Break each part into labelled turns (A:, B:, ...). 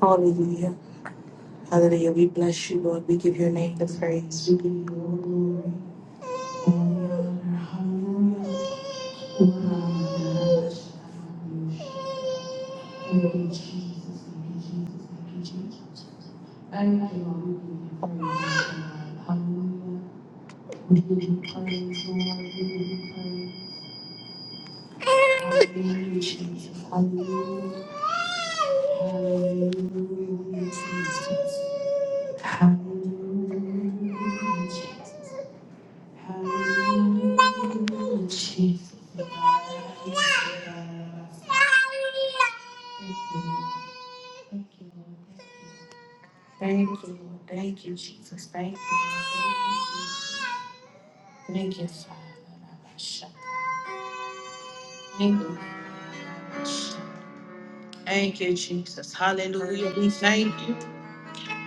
A: Hallelujah. Hallelujah. We bless you, Lord. We give your name the praise. We give Hallelujah. Hallelujah. Jesus. Hallelujah. Hallelujah. Jesus. Thank you, Lord. Thank you, Lord. Thank you, Lord. Thank you, Jesus. Thank you. Lord. Thank you, Father. Thank you. Thank you, Jesus. Hallelujah. We thank you.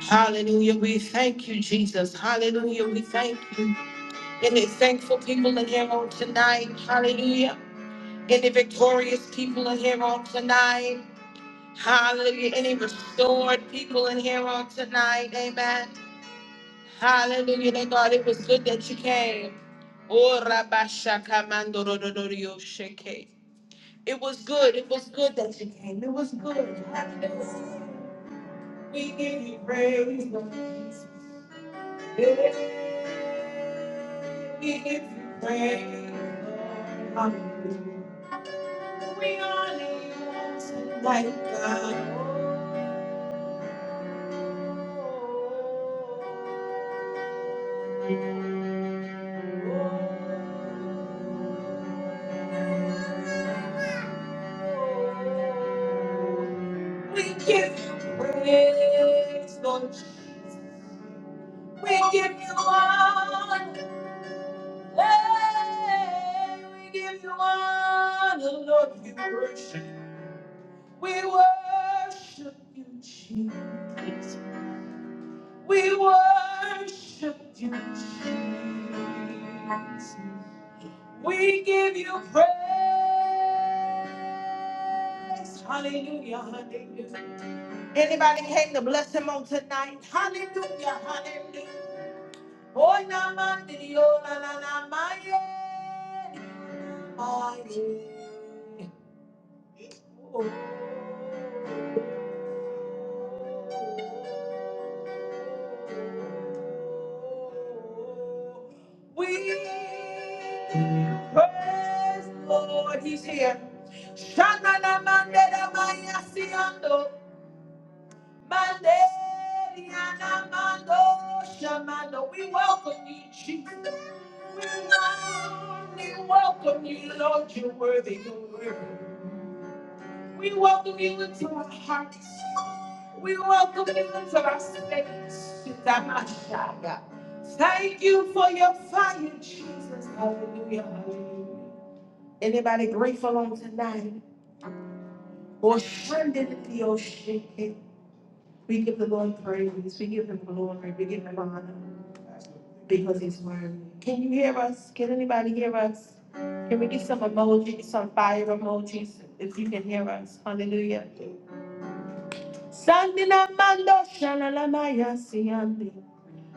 A: Hallelujah. We thank you, Jesus. Hallelujah. We thank you. Any thankful people in here on tonight. Hallelujah. Any victorious people in here on tonight. Hallelujah. Any restored people in here on tonight. Amen. Hallelujah. Thank God it was good that you came. Oh, rabashakamandorodorioshake. It was good. It was good that you came. It was good. Hallelujah. We give you praise. Lord. If you pray, Lord, Hallelujah. We honor you tonight, God. We give you praise, Lord Jesus. We give you honor. Hey, we give you honor, Lord. We worship. We worship you, Jesus. We worship you, Jesus. We give you praise. Hallelujah, hallelujah. Anybody came to bless him on tonight? Hallelujah, hallelujah. Oh, na ma di di, oh, la la la, ma ye, ma ye. Oh, We praise the Lord, He's here. Shanana mandera maya siando, manderiana mando shamando. We welcome you, Jesus. We welcome you, welcome you, Lord. You're worthy, you're worthy. We welcome you into our hearts. We welcome you into our space. Shidamashaya. Thank you for your fire, Jesus. Hallelujah. Hallelujah. Anybody grateful on tonight? Or shredded in the ocean? We give the Lord praise. We give him glory. We give him honor because he's worthy. Can you hear us? Can anybody hear us? Can we get some emojis, some fire emojis, if you can hear us? Hallelujah. Sandina mando shalalama yasiandi.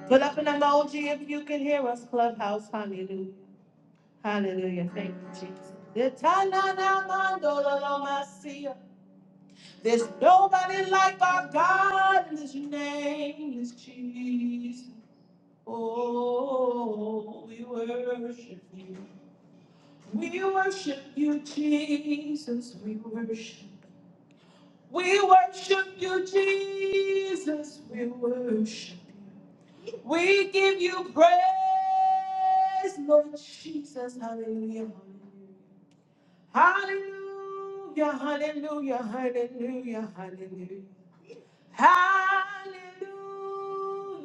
A: Put up an emoji if you can hear us, Clubhouse. Hallelujah. Hallelujah. Thank you, Jesus. Itananamandololomasia. There's nobody like our God, and his name is Jesus. Oh, we worship you. We worship you, Jesus. We worship. We worship you, Jesus. We worship. We give you praise, Lord Jesus. Hallelujah. Hallelujah. Hallelujah. Hallelujah. Hallelujah. Hallelujah.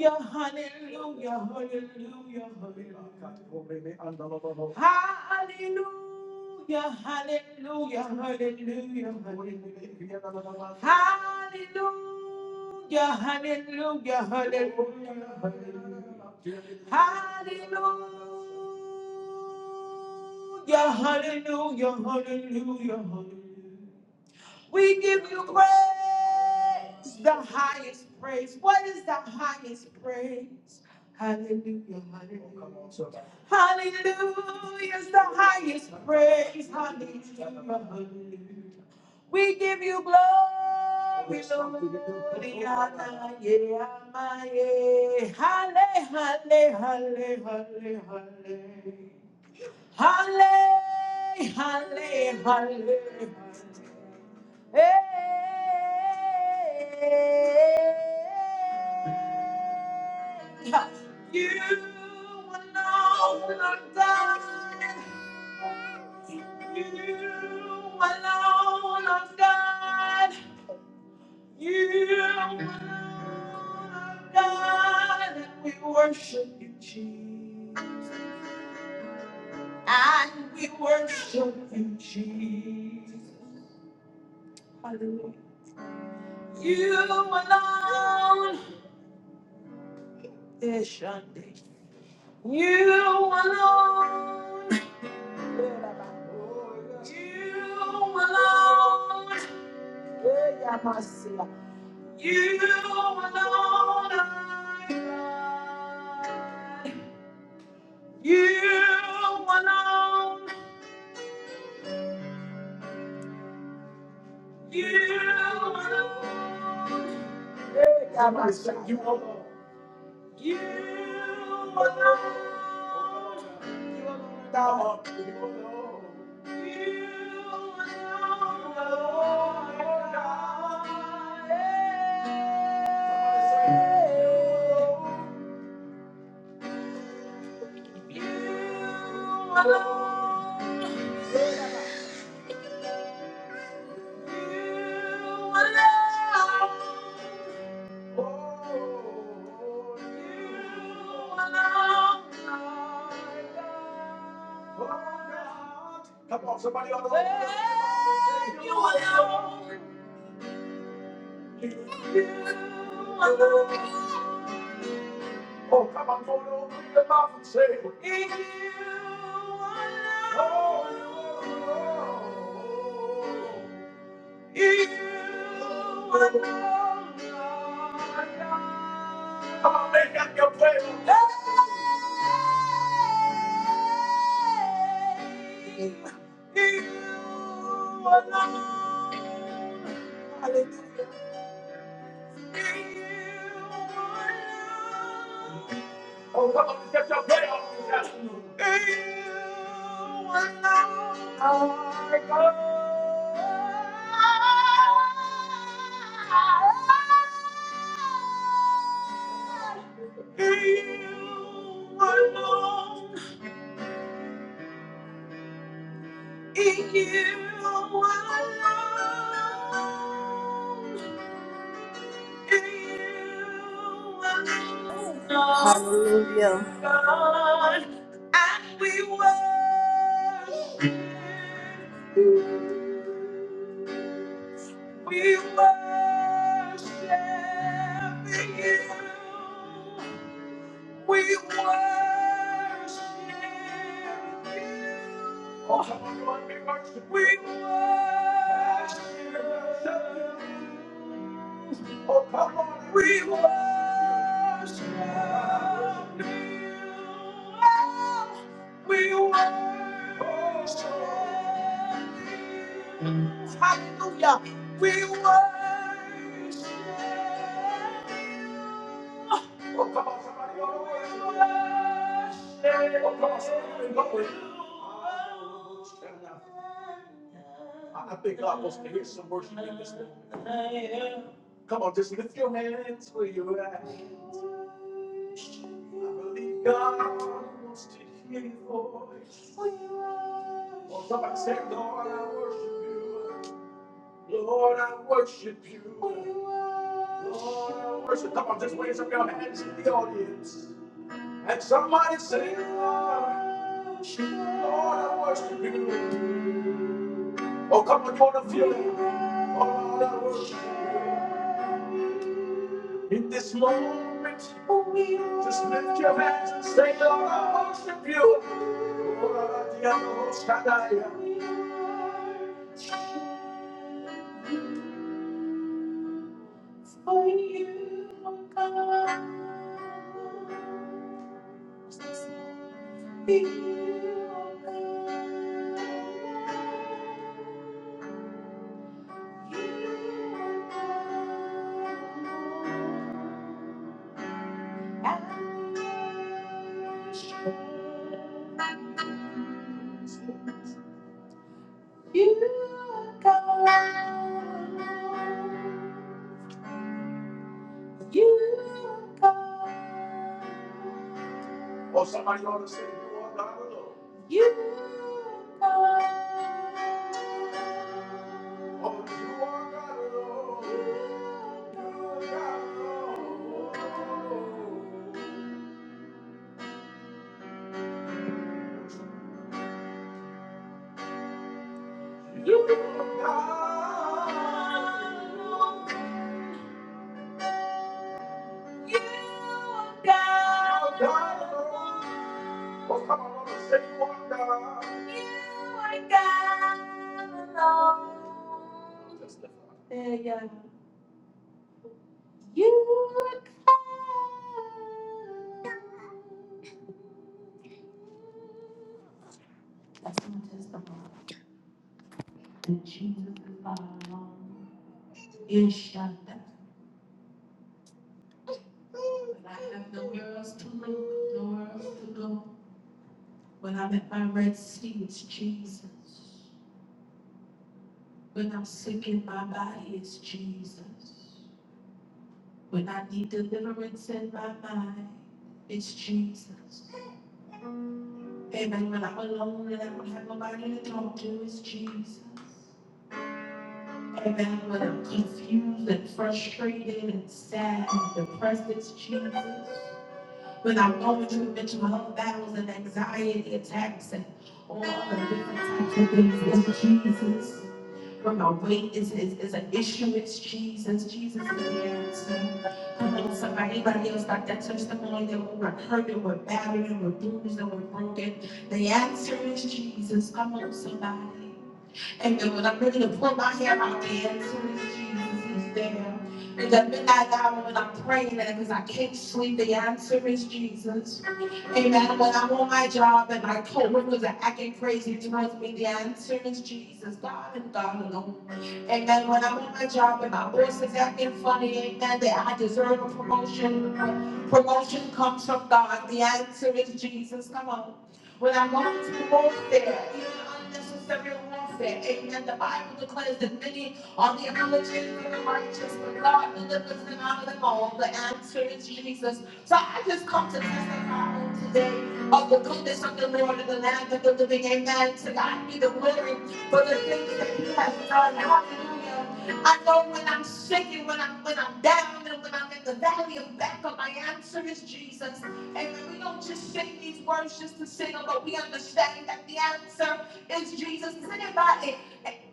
A: Hallelujah. Hallelujah. Hallelujah. Hallelujah. Hallelujah. Hallelujah. Hallelujah. Hallelujah. Hallelujah. Hallelujah. hallelujah, hallelujah. Hallelujah, hallelujah, hallelujah, hallelujah. We give you praise, the highest praise. What is the highest praise? Hallelujah, hallelujah. Hallelujah is the highest praise. Hallelujah, hallelujah. We give you glory, Lord. Yana, yeah, my, yeah. Halle, halle, halle, halle, halle. Halle, halle, halle. Hey. You alone are God. You alone are God. You alone are God. And we worship you, Jesus. And we worship you, Jesus. Hallelujah. You alone. Yes, Shandy. You alone. You alone. Yeah, Masia. You alone. are God. You alone. You alone. Yeah, Masia. You alone. You alone, you alone are God. You alone, you alone, Lord, are God. Hey. You alone, you alone. Oh, you alone Oh, Come on, somebody on the Hey, You alone. You alone. Oh, come on, go over in your mouth and say, You alone. Oh, you alone. Oh, come on, get your prayer on. You alone are God. In you alone, in you alone, in you alone,
B: Hallelujah.
A: God, and we worship you. We worship you. We worship you. Oh, come on, come on, we worship. you. We worship you. Oh, come on, we worship you. Oh, we worship. you. Hallelujah. We worship. you. Oh, come on, somebody go to worship. Oh, come on, somebody go to worship. I think God wants to hear some worship in this moment. Come on, just lift your hands where you're at. I believe God wants to hear your voice. Oh, somebody say, Lord, I worship you. Lord, I worship you. Lord, I worship. Come on, just raise up your hands in the audience. And somebody say, Lord, Lord, I worship you. Oh, come on, you want to feel it. Oh, Lord, I worship you. In this moment, just lift your hands and say, Lord, I worship you. Oh, Lord, I am the I am for you, oh God. For you, oh God. Oh, somebody ought to say, You are God alone. You are God. Oh, you are God alone. You are God alone. You are God alone. You, are God, alone. Oh, come on, Lord, say you are God. You are God alone. Testify. Yeah, yeah. You. That's my testimony. And Jesus is God alone. You shut that. When I have nowhere else to live, nowhere else to go. When I'm at my red sea, it's Jesus. When I'm sick in my body, it's Jesus. When I need deliverance in my mind, it's Jesus. Amen. When I'm alone and I don't have nobody to talk to, it's Jesus. Amen. When I'm confused and frustrated and sad and depressed, it's Jesus. When I'm going through mental health battles and anxiety attacks and all the different types of things, it's Jesus. Come on, weight is, is, is an issue, it's Jesus, Jesus is the answer. Come on, somebody, anybody else got that testimony that we were hurt and we're battered and we're bruised and we're broken? The answer is Jesus, come on, somebody. Amen, when I'm ready to pull my hair out, the answer is Jesus, he's there. In the midnight hour when I'm praying and because I can't sleep, the answer is Jesus. Amen, when I'm on my job and my coworkers are acting crazy towards me, the answer is Jesus, God and God alone. Amen. When I'm on my job and my boss is acting funny, amen, that I deserve a promotion. Promotion comes from God. The answer is Jesus. Come on. When I'm going through warfare, even unnecessary warfare, amen, the Bible declares that many are the afflictions of the righteous, but God delivers them out of them all. The answer is Jesus. So I just come to testify on today of the goodness of the Lord in the land of the living. Amen. To God be the glory for the things that you have done. Hallelujah. I know when I'm shaking, when I'm when I'm down, and when I'm in the valley of backup, my answer is Jesus. Amen. We don't just sing these words just to sing them, but we understand that the answer is Jesus. Does anybody,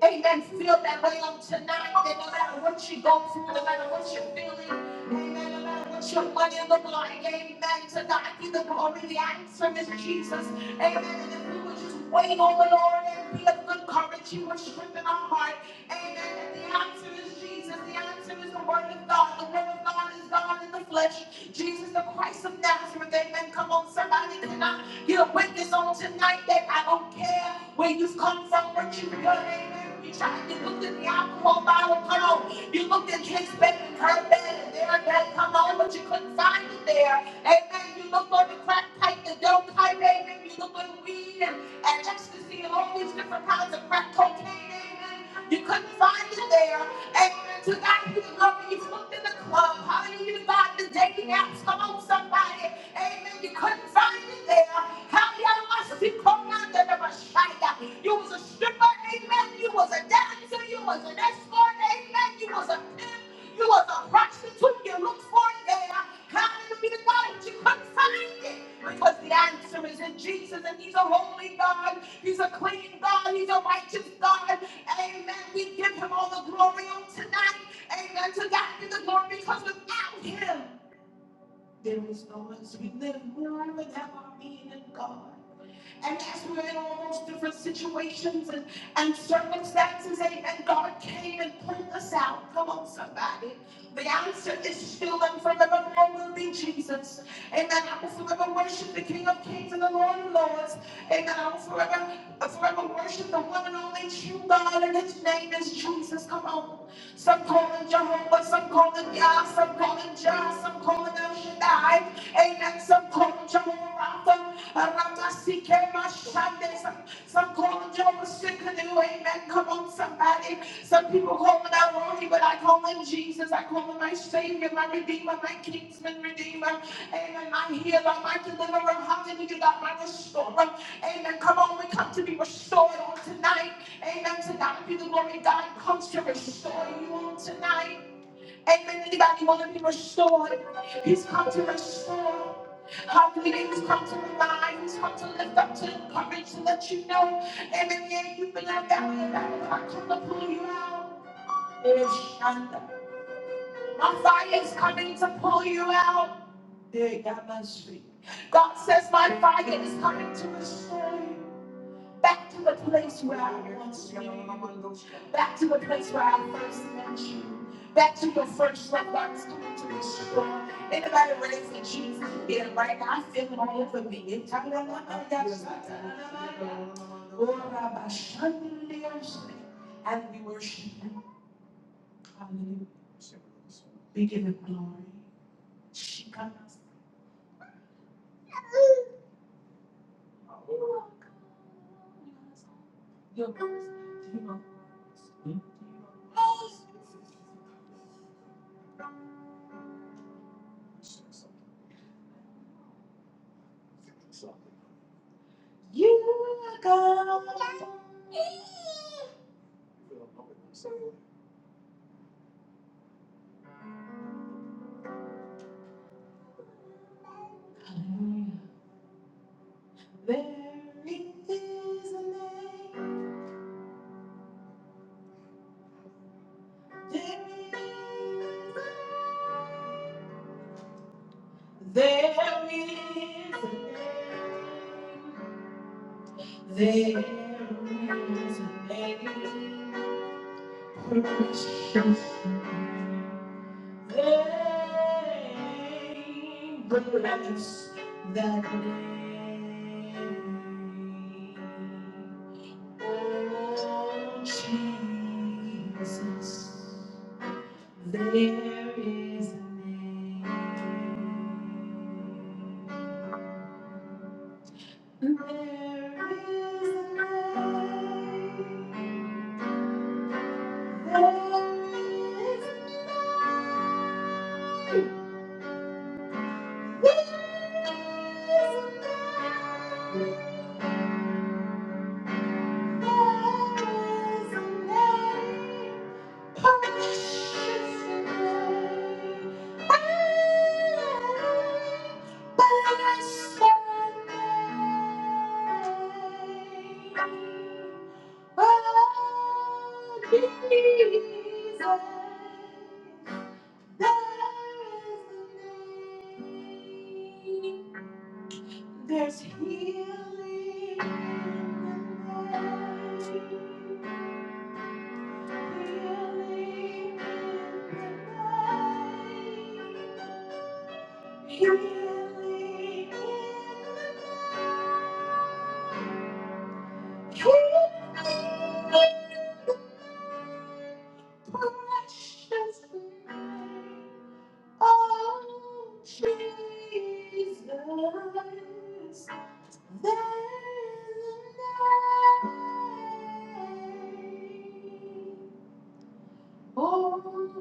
A: amen, feel that way on tonight? That no matter what you go through, no matter what you're feeling, amen, no matter what your money look like, amen, to God be the glory. The answer is Jesus. Amen. And if we would just wait on the Lord and be of good courage, He would strengthen our heart. Amen. And the answer is Jesus. The answer is the Word of God. The Word of God is God in the flesh. Jesus, the Christ of Nazareth. Amen. Come on, somebody. Can I get a witness on tonight that I don't care where you've come from, what you've done? Amen. You tried, you looked at the alcohol bottle. Come on. You looked at his bed and her bed, and their bed. Come on, but you couldn't find it there. Amen. You look for the crack pipe, the dope pipe, amen. You look for weed and, and ecstasy and all these different kinds of crack cocaine, amen. You couldn't find it there. Amen. To God be the glory. You looked in the club. Hallelujah. God, the dating apps. Come on, somebody. Amen. You couldn't find it there. Hallelujah. must be called out there, there was shy. You was a stripper. Amen. You was a dancer. You was an escort. Amen. You was a pimp. You was a prostitute. You looked for it there. Hallelujah, God, but you couldn't find it because the answer is in Jesus, and He's a holy God, He's a clean God, He's a righteous God. Amen. We give Him all the glory on tonight. Amen. To God be the glory because without Him, there is no us. We live, move, and have our being in God. And as we we're in all those different situations and, and circumstances, and, and God came and pulled us out. Come on, somebody. The answer is still and forevermore will be Jesus. Amen. I will forever worship the King of Kings and the Lord of Lords. Amen. I will forever, forever worship the one and only true God, and his name is Jesus. Come on. Some call him Jehovah, some call him Yah, some call him Jah, some call him El Shaddai. Amen. Some call him Jehovah Rapha, Ramasike Mashande. Some, some call him Jehovah Sikkenu. Amen. Come on, somebody. Some people call him Irony, but I call him Jesus. I call him my Savior, my Redeemer, my Kingsman Redeemer. Amen. My healer, my deliverer. Hallelujah. God, My restorer. Amen. Come on, we come to be restored on tonight. Amen. Tonight, be the glory God comes to restore you all tonight. Amen. Anybody want to be restored? He's come to restore. Hallelujah. He's come to remind. He's come to lift up, to encourage, to let you know. Amen. Yeah, you've been like that. I come to pull you out. Yeah, Shanda. My fire is coming to pull you out. Yeah, God God says, My fire is coming to restore you back to the place where I once knew, you. back to the place where I first met you, back to your first love that was coming to destroy. Anybody raise for Jesus? Yeah, right now I feel it all over me. It's time to run out that. Oh, And we worship you. Hallelujah. We give it glory. She comes. Oh, come on. Your voice. Do you know? Do you know? You go. There is a name. There is a name. There is a name. There is a name. Name. Bless that name. Oh, Jesus, there is a name. There is a name. There is a name. There's healing in the name.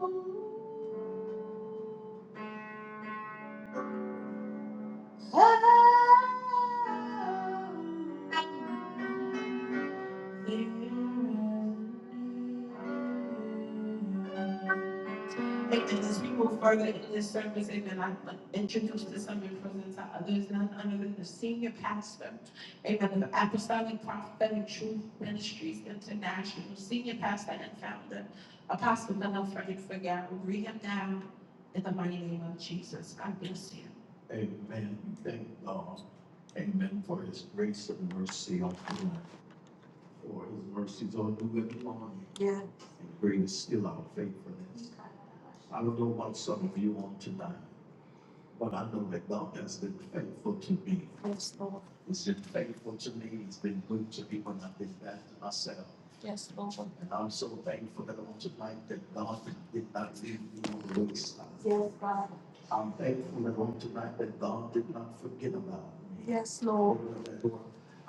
A: Oh, Oh, you. Like, and as we move further in this service, amen, I'm introduced to some and present to others, none other than the senior pastor, amen, of Apostolic Prophetic Truth Ministries International, senior pastor and founder, Apostle Mel Frederick Fagaro, read him down in the mighty name of Jesus. God bless you. Amen. Thank God. Amen for his grace and mercy on you, for his mercies on you every morning. Yeah. And great is still our faithfulness. I don't know what some of you want tonight, but I know that God has been faithful to me. Yes, Lord. He's been faithful to me. He's been good to me when I've been bad to myself. Yes, Lord. And I'm so thankful that on tonight that God did not leave me on the wayside. Yes, God. I'm thankful that on tonight that God did not forget about me. Yes, Lord.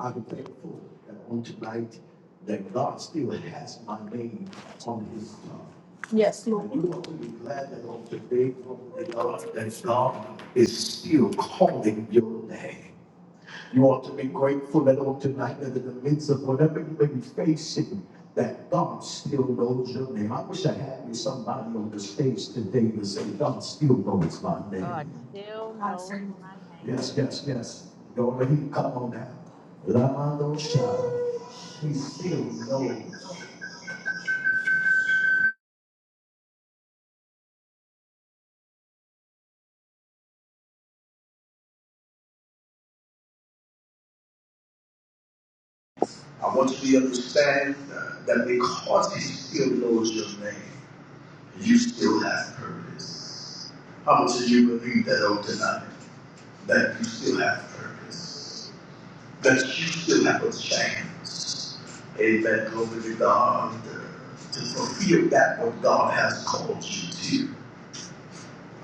A: I'm thankful that on tonight that God still has my name on his tongue. You ought to be glad that on today, the God that God is still calling your name. You ought to be grateful that on tonight, that in the midst of whatever you may be facing, that God still knows your name. I wish I had me somebody on the stage today to say, God still knows my
C: God
A: name.
C: still
A: I
C: knows
A: say,
C: me.
A: yes, yes, yes. Don't let him come on now. Lamando Shah, he still knows.
D: I want you to understand uh, that because he still knows your name, you still have purpose. How much do you believe that on tonight? That you still have purpose. That you still have a chance. Amen. Glory to God. uh, To fulfill that what God has called you to.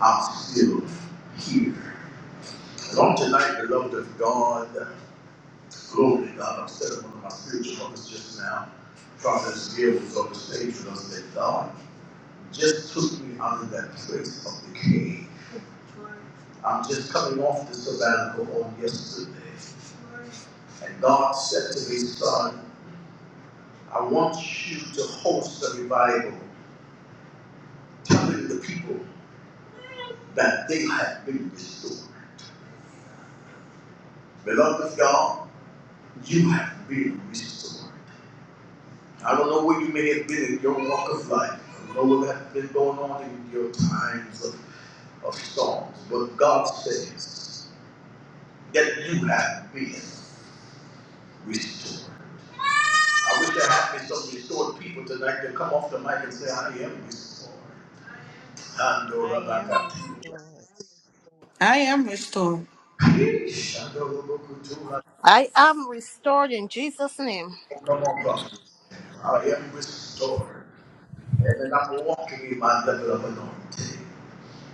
D: I'm still here. And on tonight, beloved of God. Glory to God. I'm setting one of my spiritual moments just now. Prophet Gail was on the stage with us that God just took me out of that place of decay. I'm just coming off the sabbatical on yesterday. And God said to me, son, I want you to host a revival, telling the people that they have been restored. Beloved of God, you have been restored. I don't know where you may have been in your walk of life. I don't know what has been going on in your times of, of storms. But God says that you have been restored. I wish there had been some restored people tonight to come off the mic and say, I am restored.
C: I am restored.
A: I am restored.
B: I am restored in Jesus' name.
D: Come on, prophets. I am restored. And I'm walking in my level of anointing.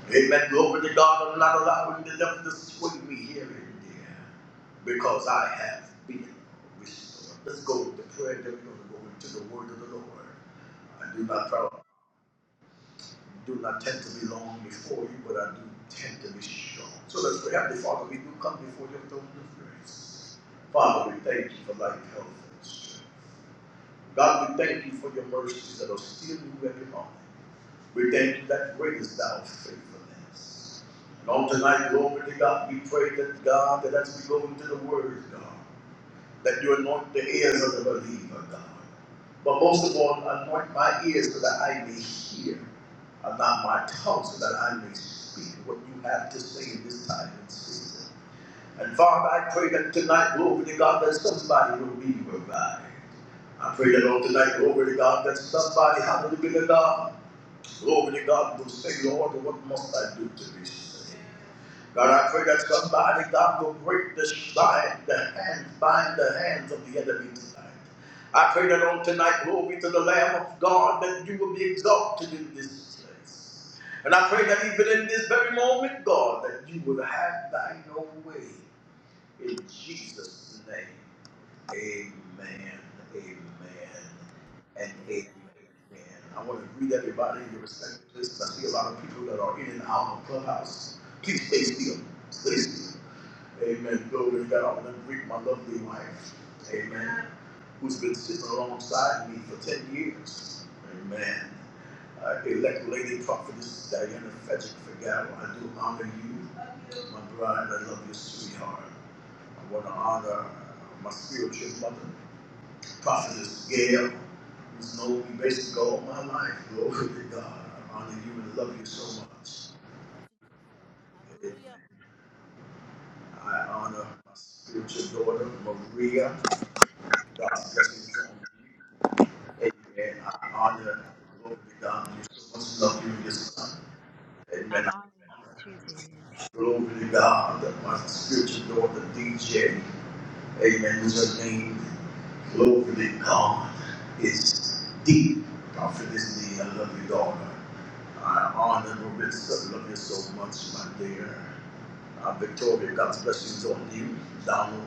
D: Amen. Glory to God. I'm not allowing the devil to sway me here and there because I have been restored. Let's go with the prayer that we're going to go into the word of the Lord. I do not proud, do not tend to be long before you, but I do tend to be short. So let's pray. Heavenly Father, we do come before your throne of grace. Father, we thank you for life, health, and strength. God, we thank you for your mercies that are still new every morning. We thank you that great is thou faithfulness. And on tonight, glory to God, we pray that God, that as we go into the word, God, that you anoint the ears of the believer, God. But most of all, anoint my ears so that I may hear, and not my tongue so that I may speak what you have to say in this time and season. And Father, I pray that tonight, glory to God, that somebody will be revived. I pray that on tonight, glory to God, that somebody, hallelujah, God, Glory to God will say, Lord, what must I do to be saved? God, I pray that somebody, God, will break the bind, the hands, bind the hands of the enemy tonight. I pray that on tonight, glory to the Lamb of God, that you will be exalted in this place. And I pray that even in this very moment, God, that you will have thine own way in Jesus' name. Amen. Amen. And amen
B: Amen.
D: again. I want to greet everybody in your respective places. I see a lot of people that are in and out of Clubhouse. Please stay still. Stay still. Amen. Glory to God. I want to greet my lovely wife. Amen. Who's been sitting alongside me for 10 years. Amen. Uh, elect lady prophetess Diana Frederick Figaro. I do honor you. My bride, I love you, sweetheart. I want to honor my spiritual mother. Prophetess Gail, who's known me basically all my life. Glory to God. I honor you and love you so much.
B: Love you too, friend.
D: Amen.
B: Hallelujah.
D: I honor my spiritual daughter, Maria. God's blessings on you. Amen. I honor, glory to God, you so much love you and your son.
C: I
D: Amen. I
C: already
D: honor,
C: too did.
D: glory to God, that my spiritual daughter, DJ. Amen. There's such thing locally called it's deep. Prophetess Lee, I love you, daughter. I honor and I love you so much, my dear. Uh, Victoria, God bless you, on You, Donald,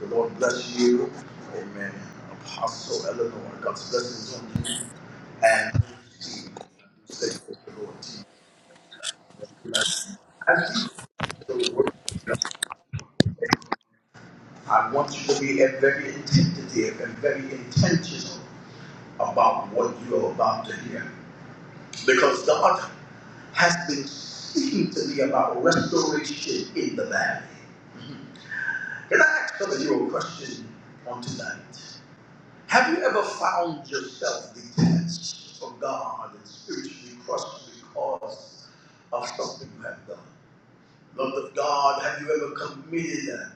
D: the Lord bless you. Amen. Apostle Eleanor, God's blessings on you. And Steve, I do say praise the Lord to you. As you do the word, I want you to be a very attentive and very intentional about what you're about to hear. Because God has been speaking to me about restoration in the valley. Can I ask some of you a question on tonight? Have you ever found yourself detached from God and spiritually crushed because of something you have done? Lord of God, have you ever committed a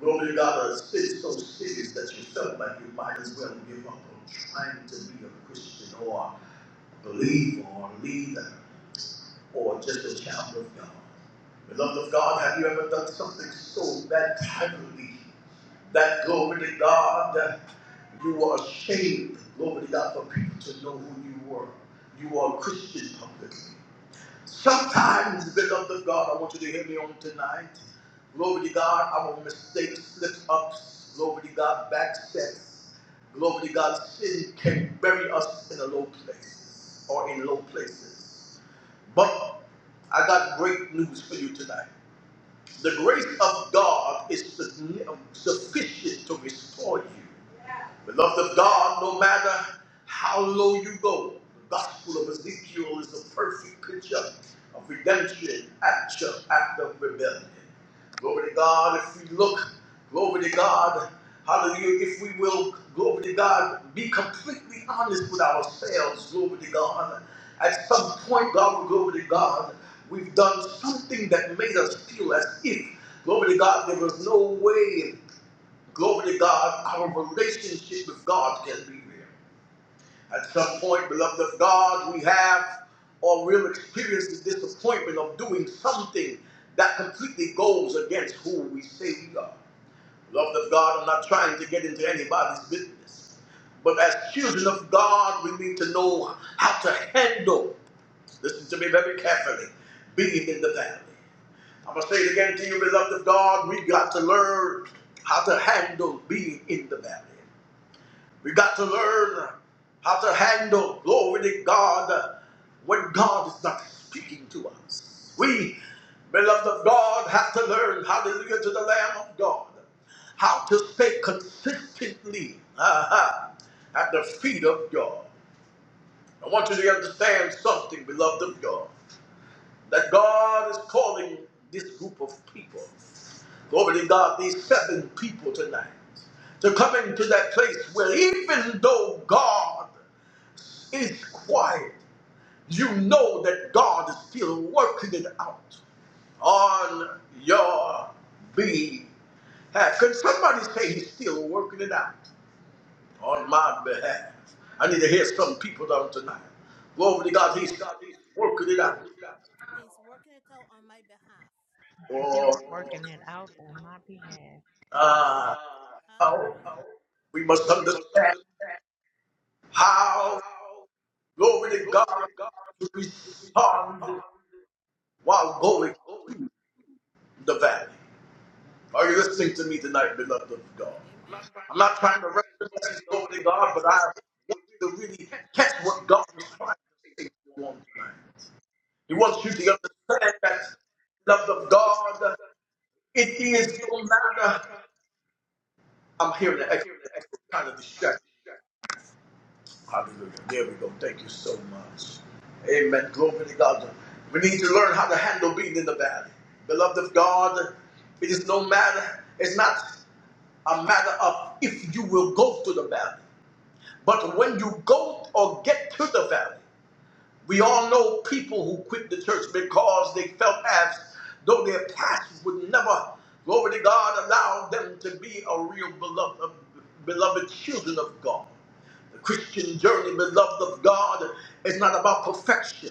D: glory to God a sin so serious that you felt like you might as well give up on trying to be a Christian or Believer, or leader or just a child of God. Beloved of God, have you ever done something so that privately that glory to God that you were ashamed, glory to God, for people to know who you were? You were a Christian publicly. Sometimes, beloved of God, I want you to hear me on tonight. Glory to God, our mistakes, slip ups, glory to God, back steps. Glory to God, sin can bury us in a low place or in low places. But I got great news for you tonight. The grace of God is sufficient to restore you. Beloved of God, no matter how low you go, the Gospel of Ezekiel is a perfect picture of redemption after, after rebellion. Glory to God, if we look, glory to God, hallelujah, if we will, glory to God, be completely honest with ourselves, glory to God. At some point, God, glory to God, we've done something that made us feel as if, glory to God, there was no way Glory to God, our relationship with God can be real. At some point, beloved of God, we have or will experience the disappointment of doing something that completely goes against who we say we are. Beloved of God, I'm not trying to get into anybody's business. But as children of God, we need to know how to handle, listen to me very carefully, being in the valley. I'm going to say it again to you, beloved of God, we got to learn how to handle being in the valley. We got to learn how to handle, glory to God, when God is not speaking to us. We, beloved of God, have to learn, hallelujah, to the Lamb of God, how to stay consistently uh-huh, at the feet of God. I want you to understand something, beloved of God, that God is calling this group of people, glory to God, these seven people tonight, to come into that place where even though God is quiet, you know that God is still working it out on your behalf. Can somebody say He's still working it out on my behalf? I need to hear some people down tonight. Glory to God, He's still working it out.
B: He's working it out on my behalf.
D: For
C: Still working it
B: Working
C: out
B: it
C: on my
B: out on my
C: behalf.
B: behalf.
D: uh, how
B: Hallelujah.
D: we must understand how, glory to God, to respond while going the valley. Are you listening to me tonight, beloved of God? I'm not trying to represent glory to God, but I want you to really catch what God was trying to say to you on tonight. He wants you to understand that
B: Amen.
D: the love
B: blessed
D: of
B: of God.
D: God, it
B: It
D: is
B: is
D: no
B: no
D: matter.
B: matter.
D: I'm hearing the
B: I'm
D: echo.
B: hearing the
D: I'm trying to
B: kind of
D: distract
B: distracting.
D: Hallelujah. There we go. Thank you so much. Amen. Glory to God. We need to learn how to handle being in the valley. Beloved of God, it is no matter, it's not a matter of if you will go through the valley. But when you go or get to the valley, we all know people who quit the church because they felt as though their past would never, glory to God, allow them to be a real beloved, beloved children of God. The Christian journey, beloved of God, is not about perfection,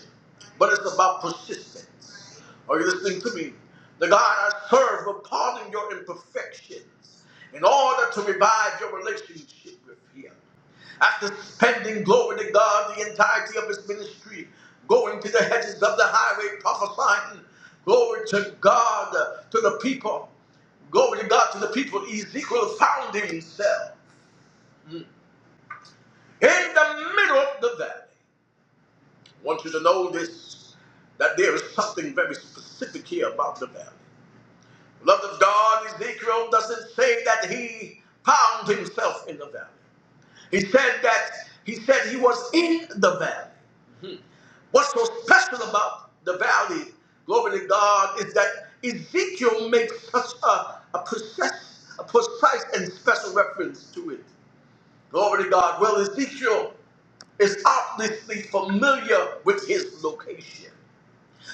D: but it's about persistence. Are you listening to me? The God I serve will pardon your imperfections in order to revive your relationship with Him. After spending glory to God the entirety of His ministry, going to the hedges of the highway, prophesying glory to God to the people, glory to God to the people, Ezekiel found himself. Hmm in the middle of the valley. I want you to know this that there is something very specific here about the valley. Love of God, Ezekiel doesn't say that he found himself in the valley. He said that he said he was in the valley. Mhm. What's so special about the valley, glory to God, is that Ezekiel makes such a, a, precise, a precise and special reference to it. Glory to God. Well, Ezekiel is obviously familiar with his location,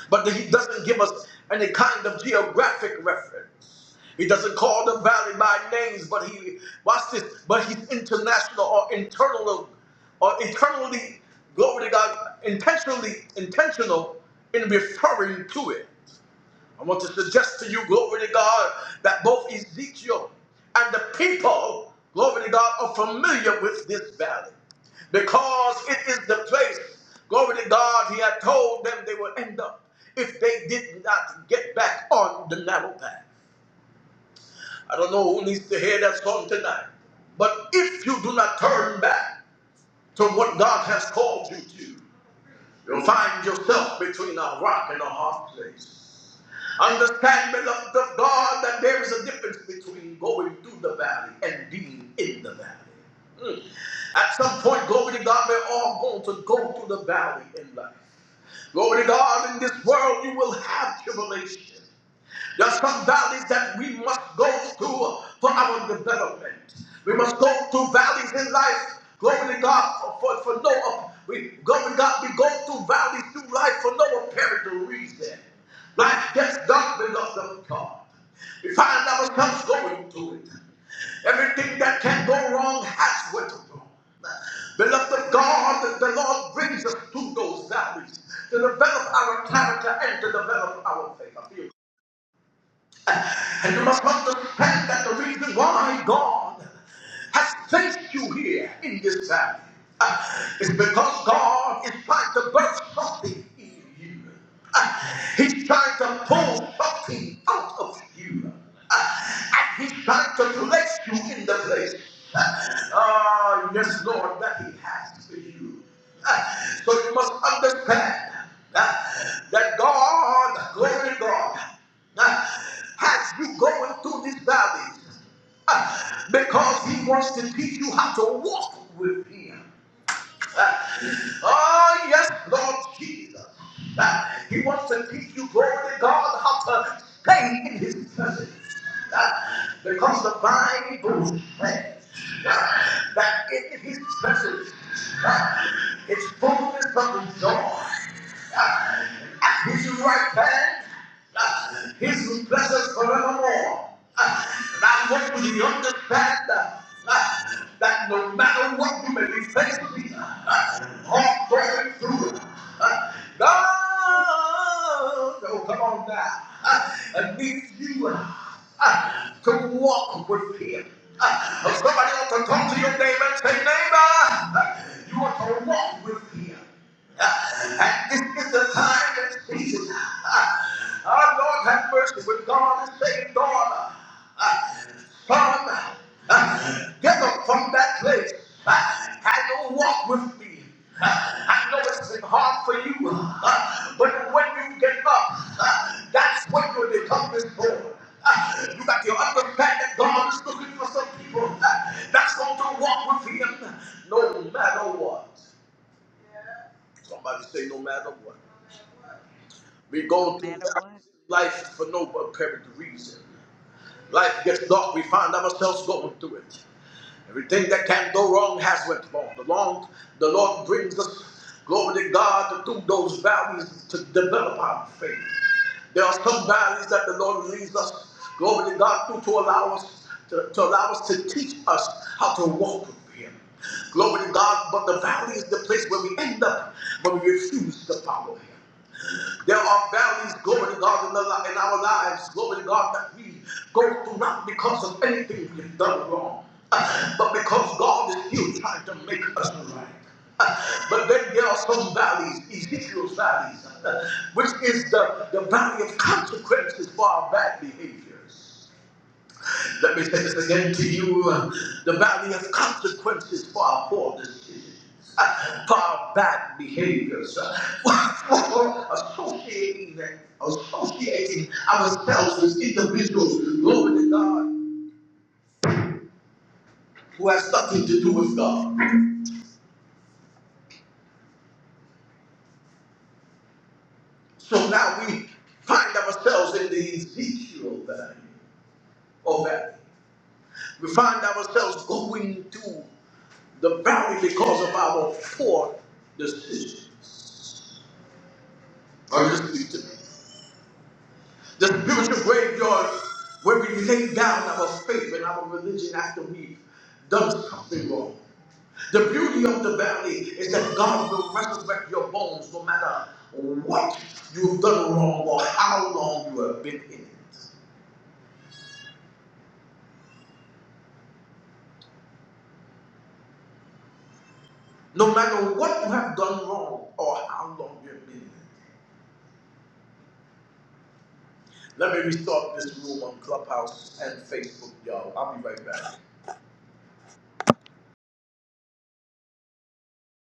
D: but he doesn't give us any kind of geographic reference. He doesn't call the valley by names, but he watch this. But he's international or internal or internally, glory to God, intentionally intentional in referring to it. I want to suggest to you, glory to God, that both Ezekiel and the people, glory to God, are familiar with this valley because it is the place, glory to God, he had told them they would end up if they did not get back on the narrow path. I don't know who needs to hear that song tonight, but if you do not turn back to what God has called you to, You'll find yourself between a rock and a hard place. Understand, beloved of God, that there is a difference between going through the valley and being in the valley. Mm. At some point, glory to God, we're all going to go through the valley in life. Glory to God, in this world you will have tribulation. There are some valleys that we must go through for our development. We must go through valleys in life. Glory to God for, for, for no apparent. we glory to God, we go through valleys through life for no apparent reason. Life gets dark because of God. We find ourselves going through it. Everything that can go wrong has went wrong. Beloved of God, the Lord brings us through those valleys to develop our character and to develop our faith. I feel and you must understand that the reason why God has placed you here in this valley uh, is because God is trying to birth something in you. Uh, he's trying to pull something out of you. Uh, and he's trying to place you in the place. Uh, oh, yes, Lord, that he has for you you. So you must understand uh, that God, glory God, uh, has you going through these valleys uh, because He wants to teach you how to walk with Him. Oh, yes, Lord Jesus. Uh, He wants to give you, glory God, how to stay in His presence. Uh, Because the Bible says uh, that in His presence ah, it's fullness of joy. His right hand uh, his blessings forevermore. Uh, And I want you to understand uh, uh, that no matter what you may be facing, uh, or going through, it. God, oh, come on now, uh, needs you uh, uh, to walk with Him. Uh, somebody ought to talk to your neighbor and say, neighbor, uh, you want to walk with Him. Uh, and this is the time and season. Uh, our Lord have mercy when God is saying, God, uh, son, uh, get up from that place. Uh, I know walk with me. Uh, I know it's been hard for you, uh, but when you get up, uh, that's when you become this boy. Uh, you got to understand that God is looking for some people uh, that's going to walk with Him no matter what. Somebody say, no matter what. We
C: No
D: go through
C: matter what,
D: valleys in life for no apparent reason. Life gets dark, we find ourselves going through it. Everything that can go wrong has went wrong. The, long, the Lord brings us, glory to God, through those valleys to develop our faith. There are some valleys that the Lord leads us, glory to God, through to allow us to, to allow us to teach us how to walk with Him. Glory to God, but the valley is the place where we end up when we refuse to follow Him. There are valleys, glory to God, in, the, in our lives, glory to God, that we go through not because of anything we've done wrong, uh, but because God is still trying to make us right. Uh, But then there are some valleys, Ezekiel's valleys, uh, which is the, the valley of consequences for our bad behaviors. Let me say this again to you. uh, The valley of consequences for our poor decisions, uh, for our bad behaviors, uh, for associating, associating ourselves with individuals, Lord to God, who has nothing to do with God. So now we find ourselves in the Ezekiel valley. Or valley. We find ourselves going to the valley because of our poor decisions. Are you listening to me? The spiritual graveyard where we lay down our faith and our religion after we've done something wrong. The beauty of the valley is that God will resurrect your bones no matter what you've done wrong or how long you have been in it. No matter what you have done wrong or how long you've been in it. Let me restart this room on Clubhouse and Facebook, y'all. I'll be right back.